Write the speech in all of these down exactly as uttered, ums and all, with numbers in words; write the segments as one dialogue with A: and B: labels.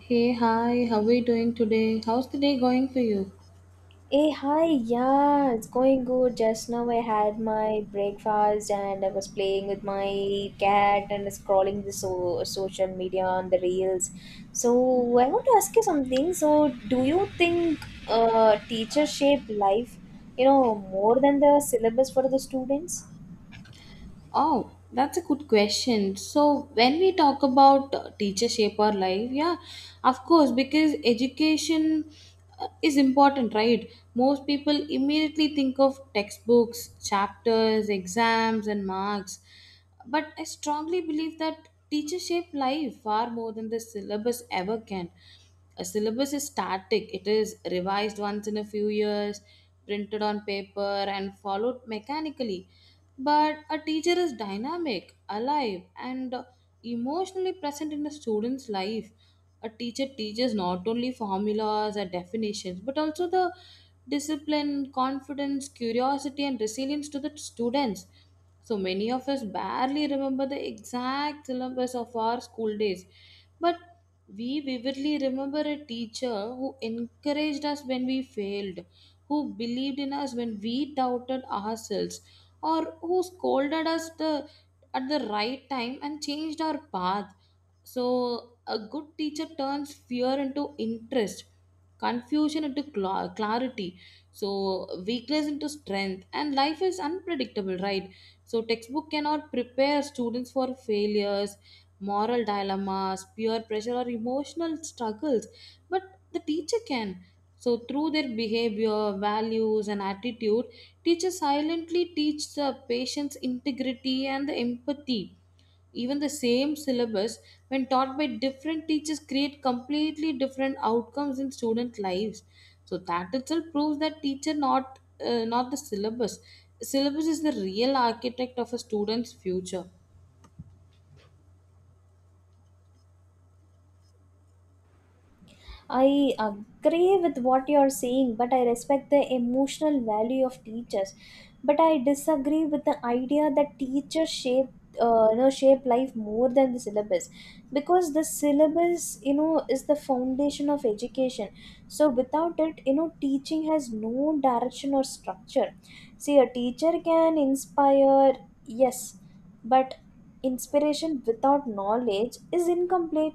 A: Hey, hi, how are you doing today? How's the day going for you?
B: Hey, hi, yeah, it's going good. Just now I had my breakfast and I was playing with my cat and scrolling the so social media on the reels. So I want to ask you something. So do you think uh, teacher shape life, you know, more than the syllabus for the students?
A: Oh, that's a good question. So, when we talk about uh, teacher shape our life, yeah, of course, because education uh, is important, right? Most people immediately think of textbooks, chapters, exams, and marks. But I strongly believe that teachers shape life far more than the syllabus ever can. A syllabus is static, it is revised once in a few years, printed on paper, and followed mechanically. But a teacher is dynamic, alive, and emotionally present in a student's life. A teacher teaches not only formulas or definitions, but also the discipline, confidence, curiosity, and resilience to the students. So many of us barely remember the exact syllabus of our school days, but we vividly remember a teacher who encouraged us when we failed, who believed in us when we doubted ourselves, or who scolded us the, at the right time and changed our path. So, a good teacher turns fear into interest, confusion into cla- clarity, so weakness into strength, and life is unpredictable, right? So, textbook cannot prepare students for failures, moral dilemmas, peer pressure, or emotional struggles, but the teacher can. So, through their behavior, values, and attitude, teachers silently teach the patient's integrity and the empathy. Even the same syllabus, when taught by different teachers, create completely different outcomes in student lives. So that itself proves that teacher, not uh, not the syllabus. Syllabus is the real architect of a student's future.
B: I agree with what you're saying, but I respect the emotional value of teachers. But I disagree with the idea that teachers shape, uh, you know, shape life more than the syllabus, because the syllabus, you know, is the foundation of education. So without it, you know, teaching has no direction or structure. See, a teacher can inspire, yes, but inspiration without knowledge is incomplete,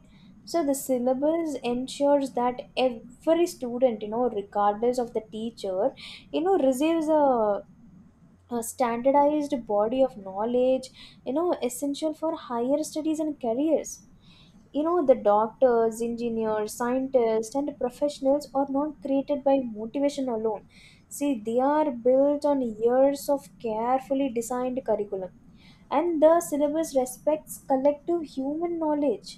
B: so the syllabus ensures that every student, you know, regardless of the teacher, you know, receives a a standardized body of knowledge, you know, essential for higher studies and careers. You know, the doctors, engineers, scientists, and professionals are not created by motivation alone. See, they are built on years of carefully designed curriculum, and the syllabus respects collective human knowledge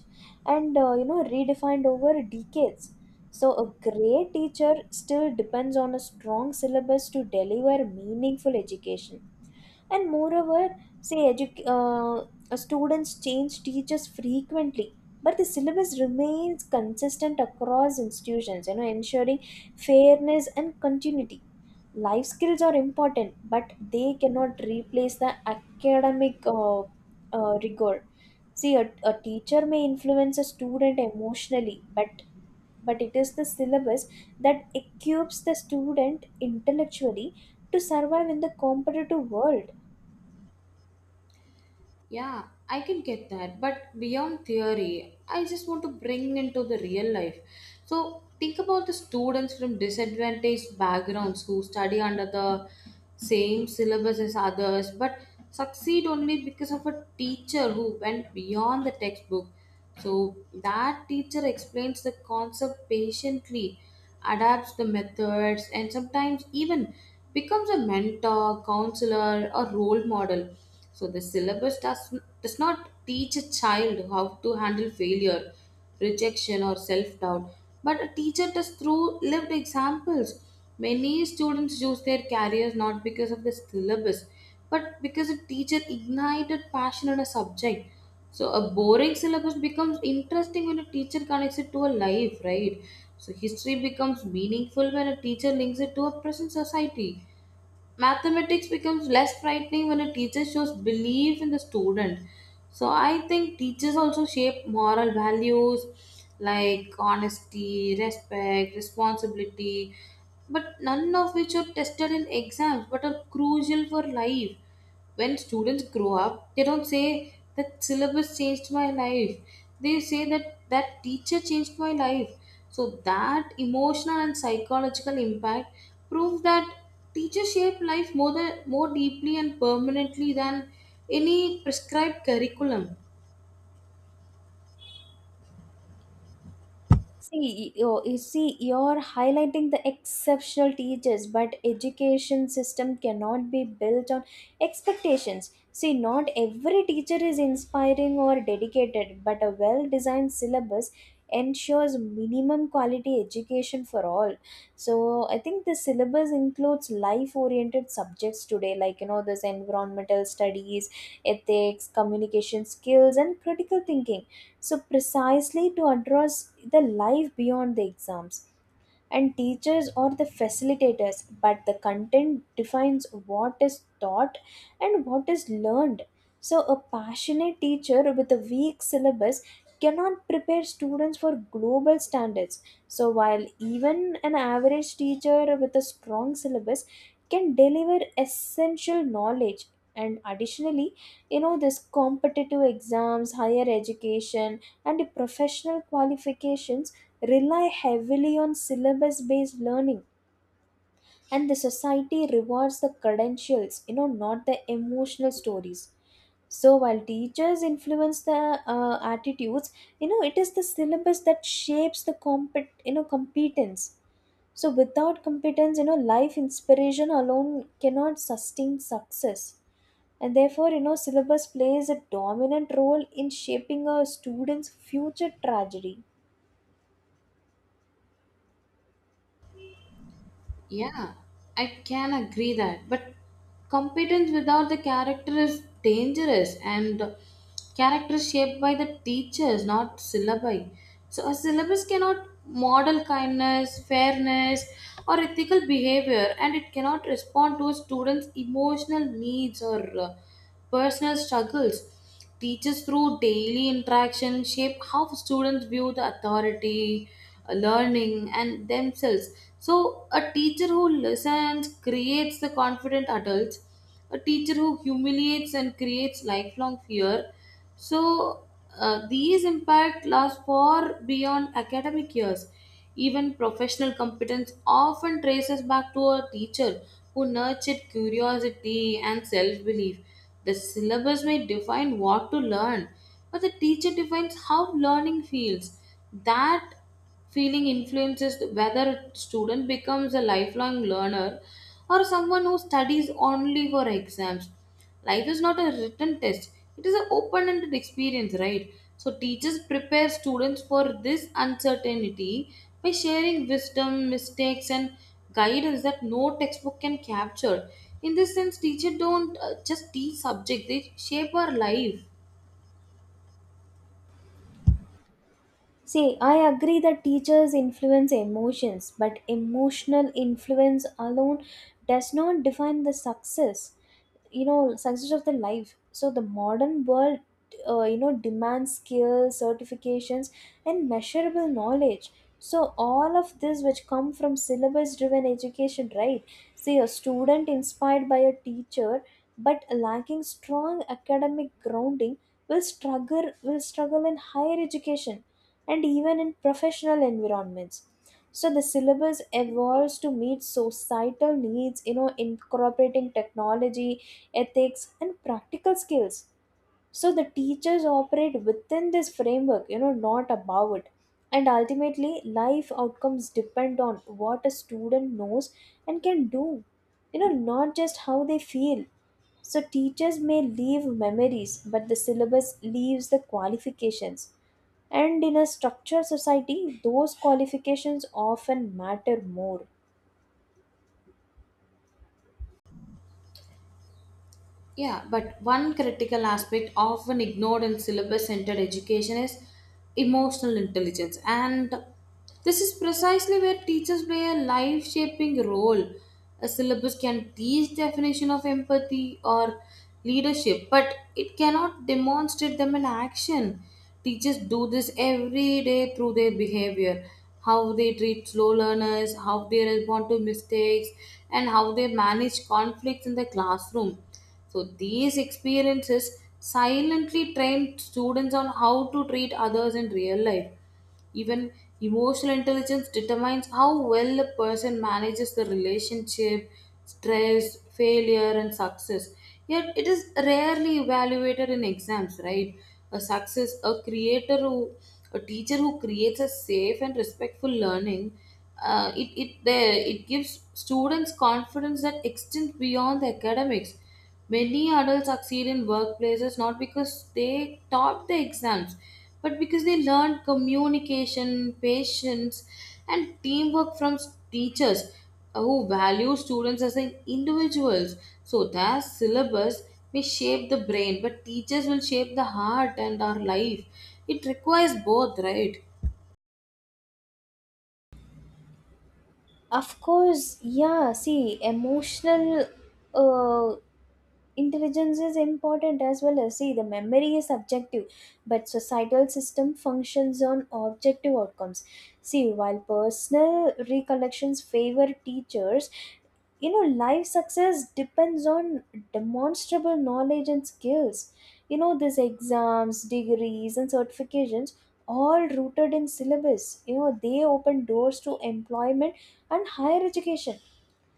B: and, uh, you know, redefined over decades. So, a great teacher still depends on a strong syllabus to deliver meaningful education. And moreover, say edu- uh, uh, students change teachers frequently, but the syllabus remains consistent across institutions, you know, ensuring fairness and continuity. Life skills are important, but they cannot replace the academic uh, uh, rigor. See, a, a teacher may influence a student emotionally, but but it is the syllabus that equips the student intellectually to survive in the competitive world.
A: Yeah, I can get that. But beyond theory, I just want to bring into the real life. So think about the students from disadvantaged backgrounds who study under the same syllabus as others but succeed only because of a teacher who went beyond the textbook. So that teacher explains the concept patiently, adapts the methods, and sometimes even becomes a mentor, counselor, or role model. So the syllabus does, does not teach a child how to handle failure, rejection, or self doubt, but a teacher does through lived examples. Many students choose their careers not because of the syllabus, but because a teacher ignited passion in a subject. So a boring syllabus becomes interesting when a teacher connects it to a life, right? So history becomes meaningful when a teacher links it to a present society. Mathematics becomes less frightening when a teacher shows belief in the student. So I think teachers also shape moral values like honesty, respect, responsibility, but none of which are tested in exams but are crucial for life. When students grow up, they don't say that syllabus changed my life, they say that that teacher changed my life. So that emotional and psychological impact prove that teachers shape life more than more deeply and permanently than any prescribed curriculum.
B: See, you, you see, you're highlighting the exceptional teachers, but education system cannot be built on expectations. See, not every teacher is inspiring or dedicated, but a well-designed syllabus ensures minimum quality education for all. So I think the syllabus includes life oriented subjects today, like, you know, this environmental studies, ethics, communication skills, and critical thinking, so precisely to address the life beyond the exams. And teachers are the facilitators, but the content defines what is taught and what is learned. So a passionate teacher with a weak syllabus cannot prepare students for global standards, so while even an average teacher with a strong syllabus can deliver essential knowledge. And additionally, you know, this competitive exams, higher education, and professional qualifications rely heavily on syllabus based learning, and the society rewards the credentials, you know, not the emotional stories. So while teachers influence the uh, attitudes, you know, it is the syllabus that shapes the compet you know, competence. So without competence, you know, life inspiration alone cannot sustain success, and therefore, you know, syllabus plays a dominant role in shaping a student's future trajectory.
A: Yeah, I can agree that. But competence without the character is dangerous, and character is shaped by the teachers, not syllabi. So a syllabus cannot model kindness, fairness, or ethical behavior, and it cannot respond to a student's emotional needs or uh, personal struggles. Teachers, through daily interaction, shape how students view the authority, uh, learning, and themselves. So, a teacher who listens creates the confident adults, a teacher who humiliates and creates lifelong fear. So, uh, these impact last far beyond academic years. Even professional competence often traces back to a teacher who nurtured curiosity and self belief. The syllabus may define what to learn, but the teacher defines how learning feels. That Feeling influences whether a student becomes a lifelong learner or someone who studies only for exams. Life is not a written test, it is an open ended experience, right? So, teachers prepare students for this uncertainty by sharing wisdom, mistakes, and guidance that no textbook can capture. In this sense, teachers don't uh, just teach subject, they shape our life.
B: See, I agree that teachers influence emotions, but emotional influence alone does not define the success, you know, success of their life. So the modern world, uh, you know, demands skills, certifications, and measurable knowledge, so all of this which come from syllabus driven education, right? See, a student inspired by a teacher but lacking strong academic grounding will struggle will struggle in higher education and even in professional environments. So the syllabus evolves to meet societal needs, you know, incorporating technology, ethics, and practical skills. So the teachers operate within this framework, you know, not above it, and ultimately life outcomes depend on what a student knows and can do, you know, not just how they feel. So teachers may leave memories, but the syllabus leaves the qualifications, and in a structured society those qualifications often matter more.
A: Yeah, but one critical aspect often ignored in syllabus centered education is emotional intelligence. And this is precisely where teachers play a life shaping role. A syllabus can teach definition of empathy or leadership, but it cannot demonstrate them in action. Teachers do this every day through their behavior, how they treat slow learners, how they respond to mistakes, and how they manage conflicts in the classroom. So these experiences silently train students on how to treat others in real life. Even emotional intelligence determines how well a person manages the relationship, stress, failure, and success. Yet it is rarely evaluated in exams, right? A success, a creator who, a teacher who creates a safe and respectful learning, uh, it it there it gives students confidence that extends beyond the academics. Many adults succeed in workplaces not because they taught the exams, but because they learned communication, patience, and teamwork from s- teachers who value students as in- individuals. So, their syllabus may shape the brain, but teachers will shape the heart and our life. It requires both, right?
B: Of course, yeah. See, emotional uh, intelligence is important as well. As, see, the memory is subjective, but societal system functions on objective outcomes. See, while personal recollections favor teachers, you know, life success depends on demonstrable knowledge and skills, you know, these exams, degrees, and certifications, all rooted in syllabus, you know, they open doors to employment and higher education.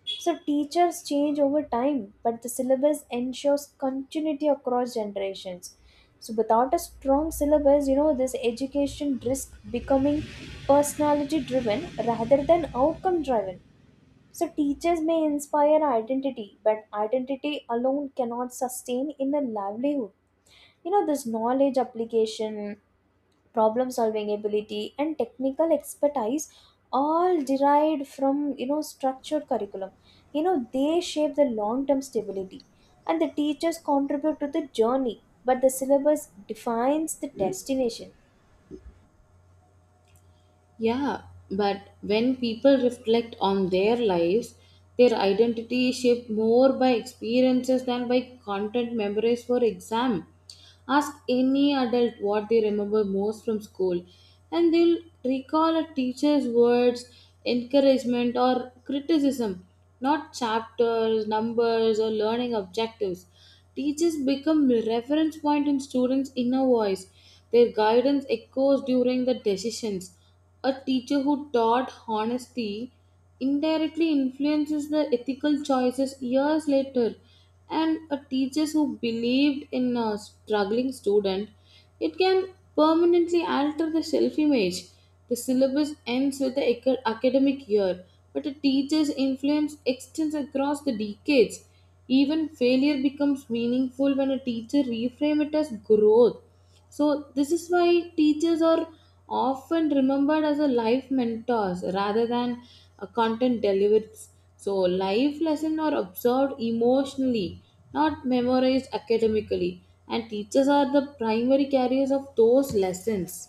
B: So teachers change over time, but the syllabus ensures continuity across generations. So without a strong syllabus, you know, this education risks becoming personality driven rather than outcome driven. So teachers may inspire identity, but identity alone cannot sustain in a livelihood. You know, this knowledge application, problem solving ability, and technical expertise, all derived from, you know, structured curriculum, you know, they shape the long term stability, and the teachers contribute to the journey, but the syllabus defines the destination.
A: Yeah, but when people reflect on their lives, their identity is shaped more by experiences than by content memorized for exam. Ask any adult what they remember most from school, and they'll recall a teacher's words, encouragement, or criticism, not chapters, numbers, or learning objectives. Teachers become reference point in students' inner voice. Their guidance echoes during the decisions. A teacher who taught honesty indirectly influences the ethical choices years later, and a teacher who believed in a struggling student, it can permanently alter the self image. The syllabus ends with the ac- academic year, but a teacher's influence extends across the decades. Even failure becomes meaningful when a teacher reframes it as growth. So this is why teachers are often remembered as a life mentors rather than a content deliverers. So life lessons are observed emotionally, not memorized academically, and teachers are the primary carriers of those lessons.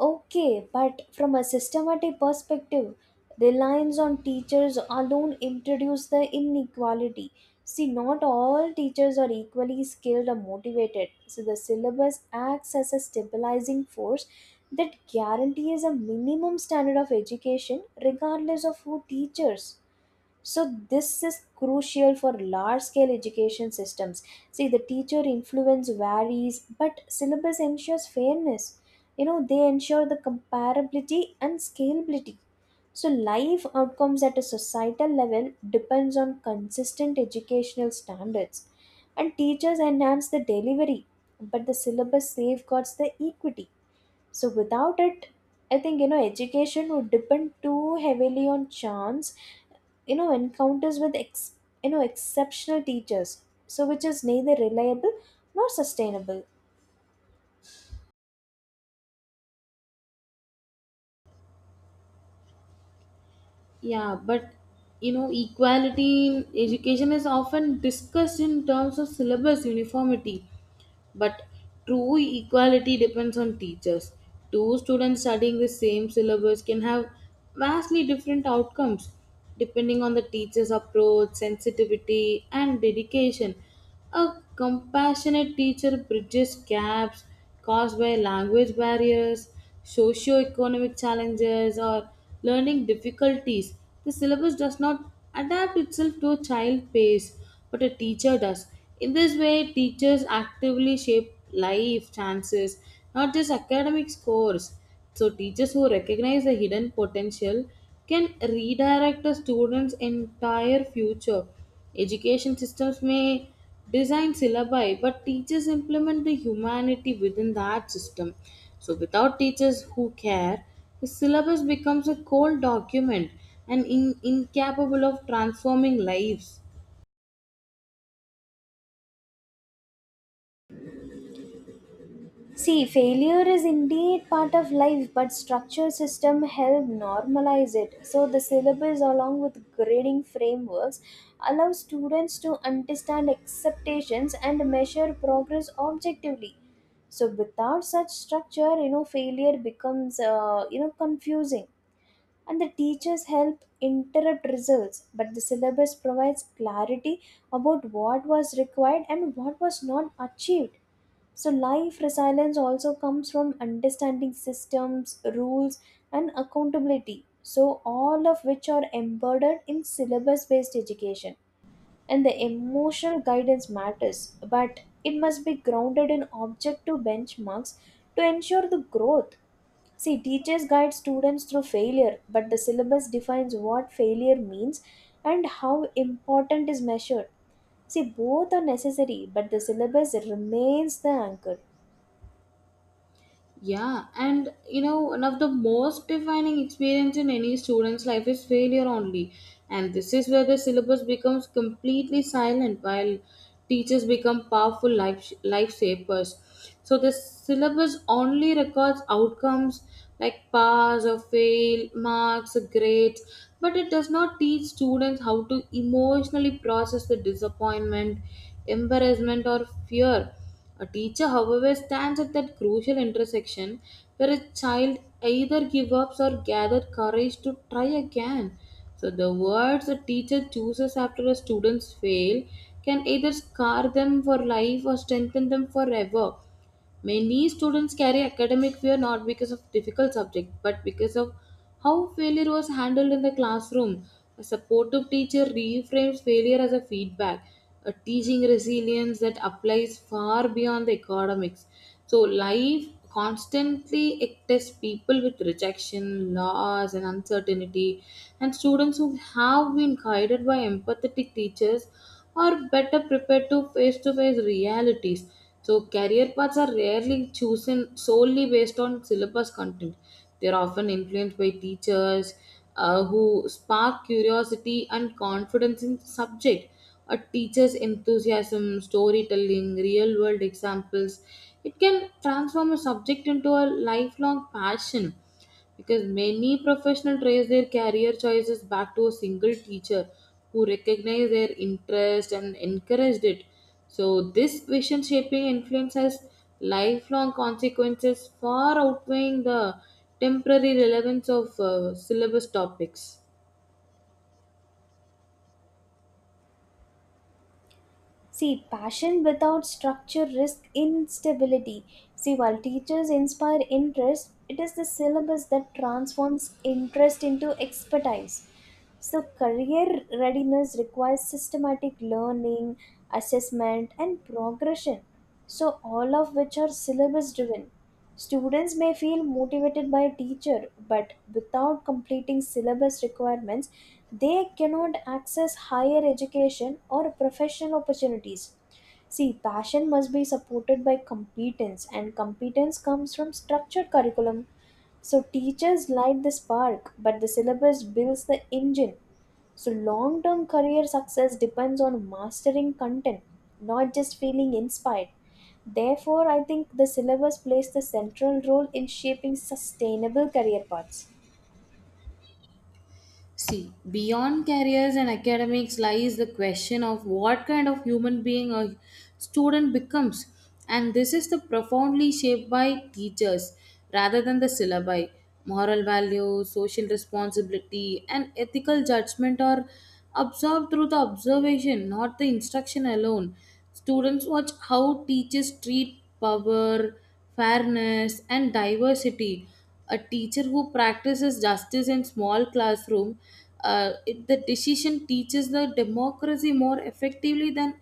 B: Okay, but from a systematic perspective, reliance on teachers alone introduces the inequality. See, not all teachers are equally skilled or motivated. So the syllabus acts as a stabilizing force that guarantees a minimum standard of education regardless of who teaches. So this is crucial for large scale education systems. See, the teacher influence varies, but syllabus ensures fairness, you know, they ensure the comparability and scalability. So life outcomes at a societal level depends on consistent educational standards, and teachers enhance the delivery, but the syllabus safeguards the equity. So without it, I think, you know, education would depend too heavily on chance, you know encounters with ex- you know, exceptional teachers, so which is neither reliable nor sustainable.
A: Yeah, but you know, equality in education is often discussed in terms of syllabus uniformity. But true equality depends on teachers. Two students studying the same syllabus can have vastly different outcomes depending on the teacher's approach, sensitivity, and dedication. A compassionate teacher bridges gaps caused by language barriers, socio-economic challenges, or learning difficulties. The syllabus does not adapt itself to a child pace, but a teacher does. In this way, teachers actively shape life chances, not just academic scores. So, teachers who recognize the hidden potential can redirect a student's entire future. Education systems may design syllabi, but teachers implement the humanity within that system. So, without teachers who care, the syllabus becomes a cold document and in- incapable of transforming lives.
B: See, failure is indeed part of life, but structure system help normalize it. So the syllabus along with grading frameworks allow students to understand expectations and measure progress objectively. So without such structure, you know, failure becomes, uh, you know, confusing, and the teachers help interrupt results, but the syllabus provides clarity about what was required and what was not achieved. So life resilience also comes from understanding systems rules and accountability, so all of which are embedded in syllabus based education. And the emotional guidance matters, but it must be grounded in objective benchmarks to ensure the growth. See, teachers guide students through failure, but the syllabus defines what failure means and how important is measured. See, both are necessary, but the syllabus remains the anchor.
A: Yeah, and you know, one of the most defining experience in any student's life is failure only. And this is where the syllabus becomes completely silent while teachers become powerful life lifesavers. So the syllabus only records outcomes like pass or fail, marks, or grades, but it does not teach students how to emotionally process the disappointment, embarrassment or fear. A teacher, however, stands at that crucial intersection where a child either gives up or gathers courage to try again. So, the words a teacher chooses after a student's fail can either scar them for life or strengthen them forever. Many students carry academic fear not because of difficult subject but because of how failure was handled in the classroom. A supportive teacher reframes failure as a feedback, a teaching resilience that applies far beyond the academics. So life constantly it tests people with rejection, loss and uncertainty, and students who have been guided by empathetic teachers are better prepared to face to face realities. So, career paths are rarely chosen solely based on syllabus content. They are often influenced by teachers uh, who spark curiosity and confidence in the subject. A teacher's enthusiasm, storytelling, real world examples, it can transform a subject into a lifelong passion because many professionals trace their career choices back to a single teacher who recognized their interest and encouraged it. So, this vision shaping influence has lifelong consequences far outweighing the temporary relevance of uh, syllabus topics.
B: See, passion without structure risks instability. See, while teachers inspire interest, it is the syllabus that transforms interest into expertise. So, career readiness requires systematic learning, assessment, and progression. So, all of which are syllabus driven. Students may feel motivated by a teacher, but without completing syllabus requirements, they cannot access higher education or professional opportunities. See, passion must be supported by competence, and competence comes from structured curriculum. So, teachers light the spark, but the syllabus builds the engine. So, long term career success depends on mastering content, not just feeling inspired. Therefore, I think the syllabus plays the central role in shaping sustainable career paths.
A: See, beyond careers and academics lies the question of what kind of human being a student becomes, and this is the profoundly shaped by teachers rather than the syllabi. Moral values, social responsibility, and ethical judgment are absorbed through the observation, not the instruction alone. Students watch how teachers treat power, fairness, and diversity. A teacher who practices justice in small classroom uh, it- the decision teaches the democracy more effectively than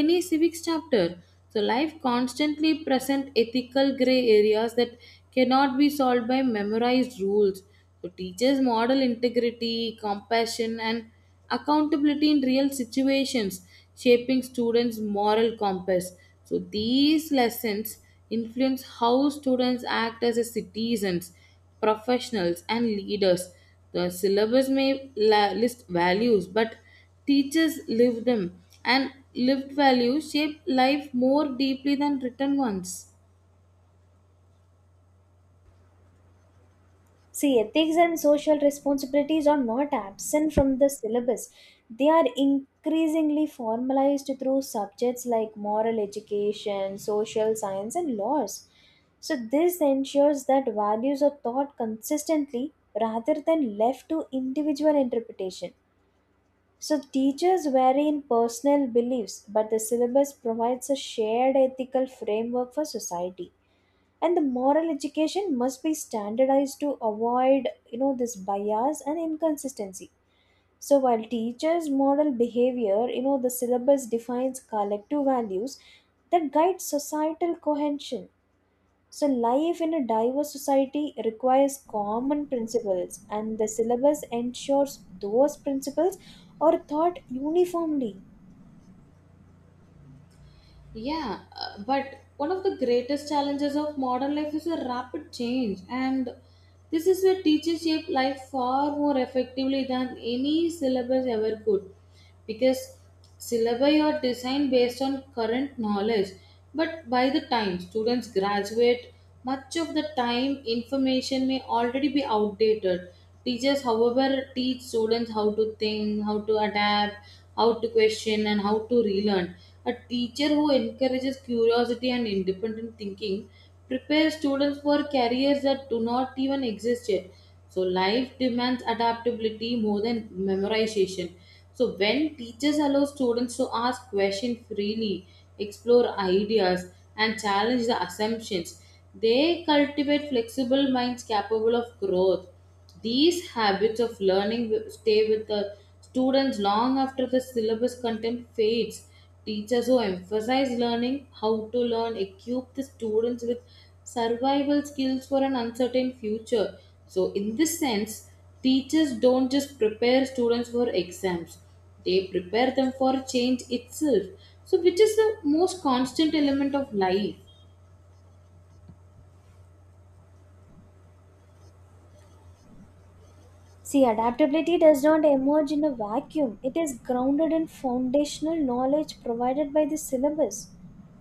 A: any civics chapter. So life constantly present ethical gray areas that cannot be solved by memorized rules. So teachers model integrity, compassion, and accountability in real situations, shaping students' moral compass. So these lessons influence how students act as a citizens, professionals, and leaders. The syllabus may la- list values, but teachers live them, and lived values shape life more deeply than written ones.
B: See, ethics and social responsibilities are not absent from the syllabus. They are increasingly formalized through subjects like moral education, social science, and laws. So, this ensures that values are taught consistently rather than left to individual interpretation. So, teachers vary in personal beliefs, but the syllabus provides a shared ethical framework for society, and the moral education must be standardized to avoid, you know, this bias and inconsistency. So while teachers model behavior, you know, the syllabus defines collective values that guide societal cohesion. So life in a diverse society requires common principles, and the syllabus ensures those principles are taught uniformly.
A: Yeah, uh, but one of the greatest challenges of modern life is a rapid change, and this is where teachers shape life far more effectively than any syllabus ever could, because syllabi are designed based on current knowledge, but by the time students graduate, much of the time information may already be outdated. Teachers, however, teach students how to think, how to adapt, how to question, and how to relearn. A teacher who encourages curiosity and independent thinking prepares students for careers that do not even exist yet. So life demands adaptability more than memorization. So when teachers allow students to ask questions freely, explore ideas, and challenge the assumptions, they cultivate flexible minds capable of growth. These habits of learning wi- stay with the students long after the syllabus content fades. Teachers who emphasize learning, how to learn, equip the students with survival skills for an uncertain future. So, in this sense, teachers don't just prepare students for exams, they prepare them for change itself. So, which is the most constant element of life?
B: See, adaptability does not emerge in a vacuum. It is grounded in foundational knowledge provided by the syllabus.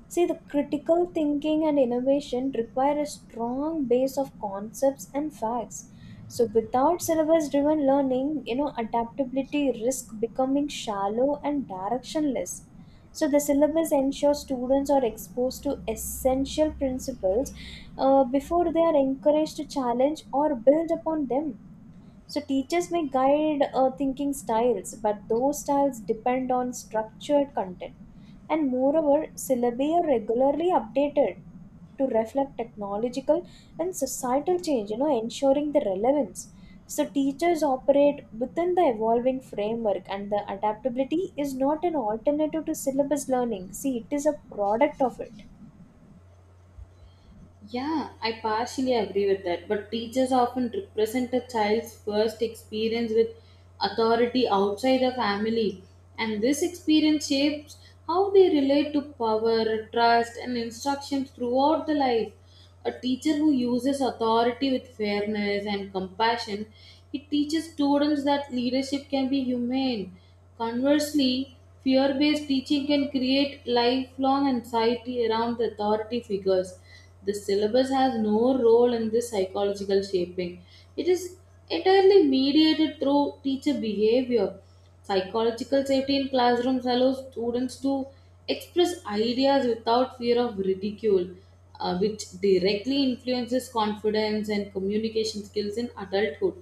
B: See, the critical thinking and innovation require a strong base of concepts and facts. So, without syllabus driven learning, you know, adaptability risks becoming shallow and directionless. So, the syllabus ensures students are exposed to essential principles uh, before they are encouraged to challenge or build upon them. So teachers may guide uh, thinking styles, but those styles depend on structured content. And moreover, syllabi are regularly updated to reflect technological and societal change, you know, ensuring the relevance. So teachers operate within the evolving framework, and the adaptability is not an alternative to syllabus learning. See, it is a product of it.
A: Yeah, I partially agree with that. But teachers often represent a child's first experience with authority outside the family, and this experience shapes how they relate to power, trust, and instruction throughout the life. A teacher who uses authority with fairness and compassion, he teaches students that leadership can be humane. Conversely, fear based teaching can create lifelong anxiety around the authority figures. The syllabus has no role in this psychological shaping. It is entirely mediated through teacher behavior. Psychological safety in classrooms allows students to express ideas without fear of ridicule, uh, which directly influences confidence and communication skills in adulthood.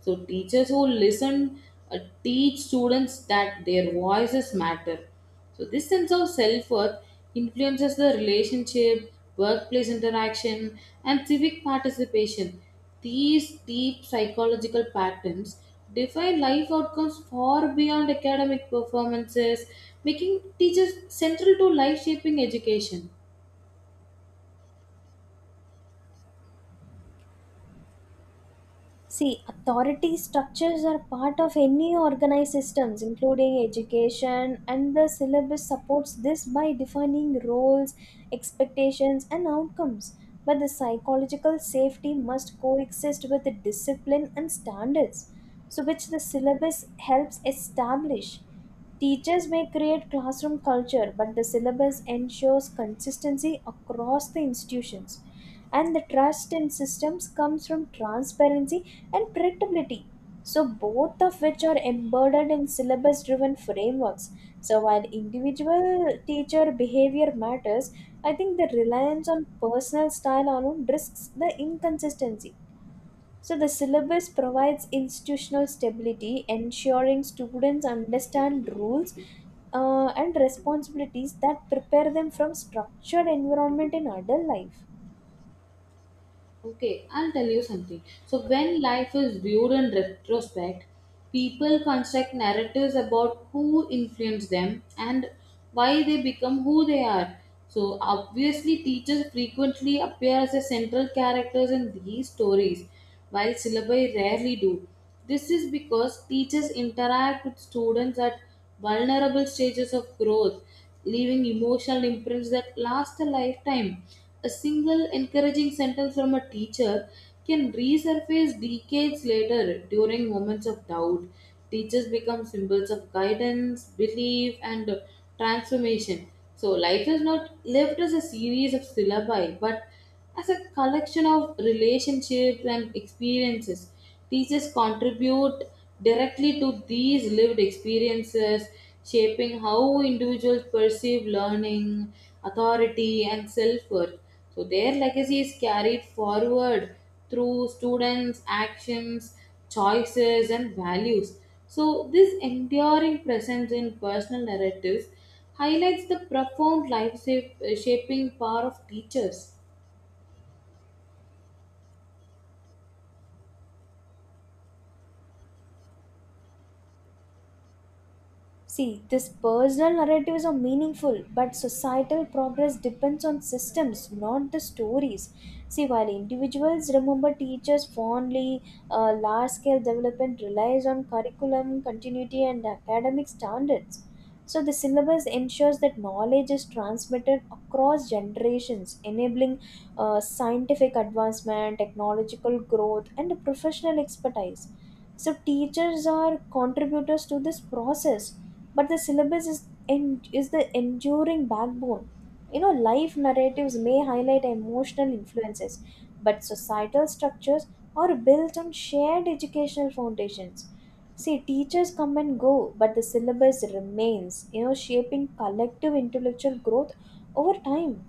A: So, teachers who listen uh, teach students that their voices matter. So, this sense of self worth influences the relationship, workplace interaction, and civic participation. These deep psychological patterns define life outcomes far beyond academic performances, making teachers central to life shaping education.
B: See, authority structures are part of any organized systems, including education, and the syllabus supports this by defining roles, expectations, and outcomes. But the psychological safety must coexist with the discipline and standards, so which the syllabus helps establish. Teachers may create classroom culture, but the syllabus ensures consistency across the institutions. And the trust in systems comes from transparency and predictability. So, both of which are embedded in syllabus driven frameworks. So, while individual teacher behavior matters, I think the reliance on personal style alone risks the inconsistency. So the syllabus provides institutional stability, ensuring students understand rules uh, and responsibilities that prepare them from structured environment in adult life.
A: Okay, I'll tell you something. So, when life is viewed in retrospect, people construct narratives about who influenced them and why they become who they are. So, obviously, teachers frequently appear as the central characters in these stories, while syllabi rarely do. This is because teachers interact with students at vulnerable stages of growth, leaving emotional imprints that last a lifetime. A single encouraging sentence from a teacher can resurface decades later during moments of doubt. Teachers become symbols of guidance, belief, and transformation. So, life is not lived as a series of syllabi, but as a collection of relationships and experiences. Teachers contribute directly to these lived experiences, shaping how individuals perceive learning, authority, and self worth. So, their legacy is carried forward through students' actions, choices, and values. So, this enduring presence in personal narratives highlights the profound life sa- shaping power of teachers.
B: See, this personal narratives are meaningful, but societal progress depends on systems, not the stories. See, while individuals remember teachers fondly, uh, large scale development relies on curriculum continuity and academic standards. So, the syllabus ensures that knowledge is transmitted across generations, enabling uh, scientific advancement, technological growth, and professional expertise. So, teachers are contributors to this process, but the syllabus is en- is the enduring backbone. You know, life narratives may highlight emotional influences, but societal structures are built on shared educational foundations. See, teachers come and go, but the syllabus remains, you know, shaping collective intellectual growth over time.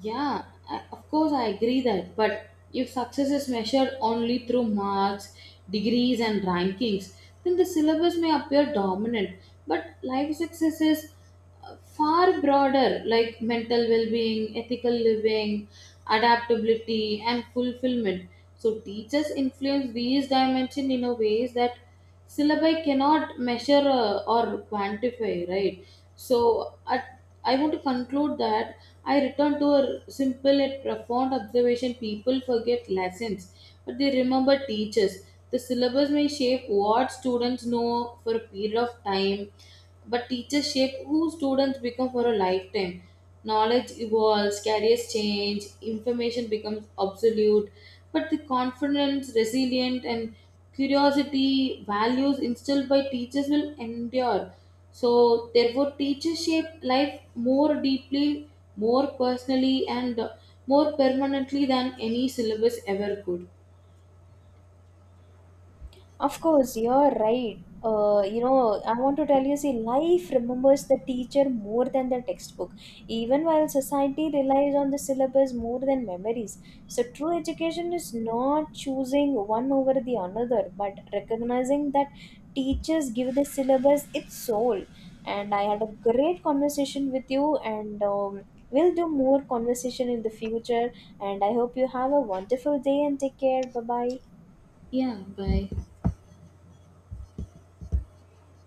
A: Yeah, I- of course I agree that. But if success is measured only through marks, degrees, and rankings, then the syllabus may appear dominant. But life success is uh, far broader, like mental well being, ethical living, adaptability, and fulfillment. So teachers influence these dimensions in a ways that syllabi cannot measure uh, or quantify, right? So at, I want to conclude that I return to a simple yet profound observation. People forget lessons, but they remember teachers. The syllabus may shape what students know for a period of time, but teachers shape who students become for a lifetime. Knowledge evolves, careers change, information becomes obsolete, but the confidence, resilience, and curiosity values instilled by teachers will endure. So, therefore, teachers shape life more deeply, more personally, and more permanently than any syllabus ever could.
B: Of course, you're right. Uh, you know, I want to tell you, see, life remembers the teacher more than the textbook, even while society relies on the syllabus more than memories. So, true education is not choosing one over the another, but recognizing that teachers give the syllabus its soul. And I had a great conversation with you, and um, we'll do more conversation in the future. And I hope you have a wonderful day and take care. Bye bye.
A: Yeah, bye.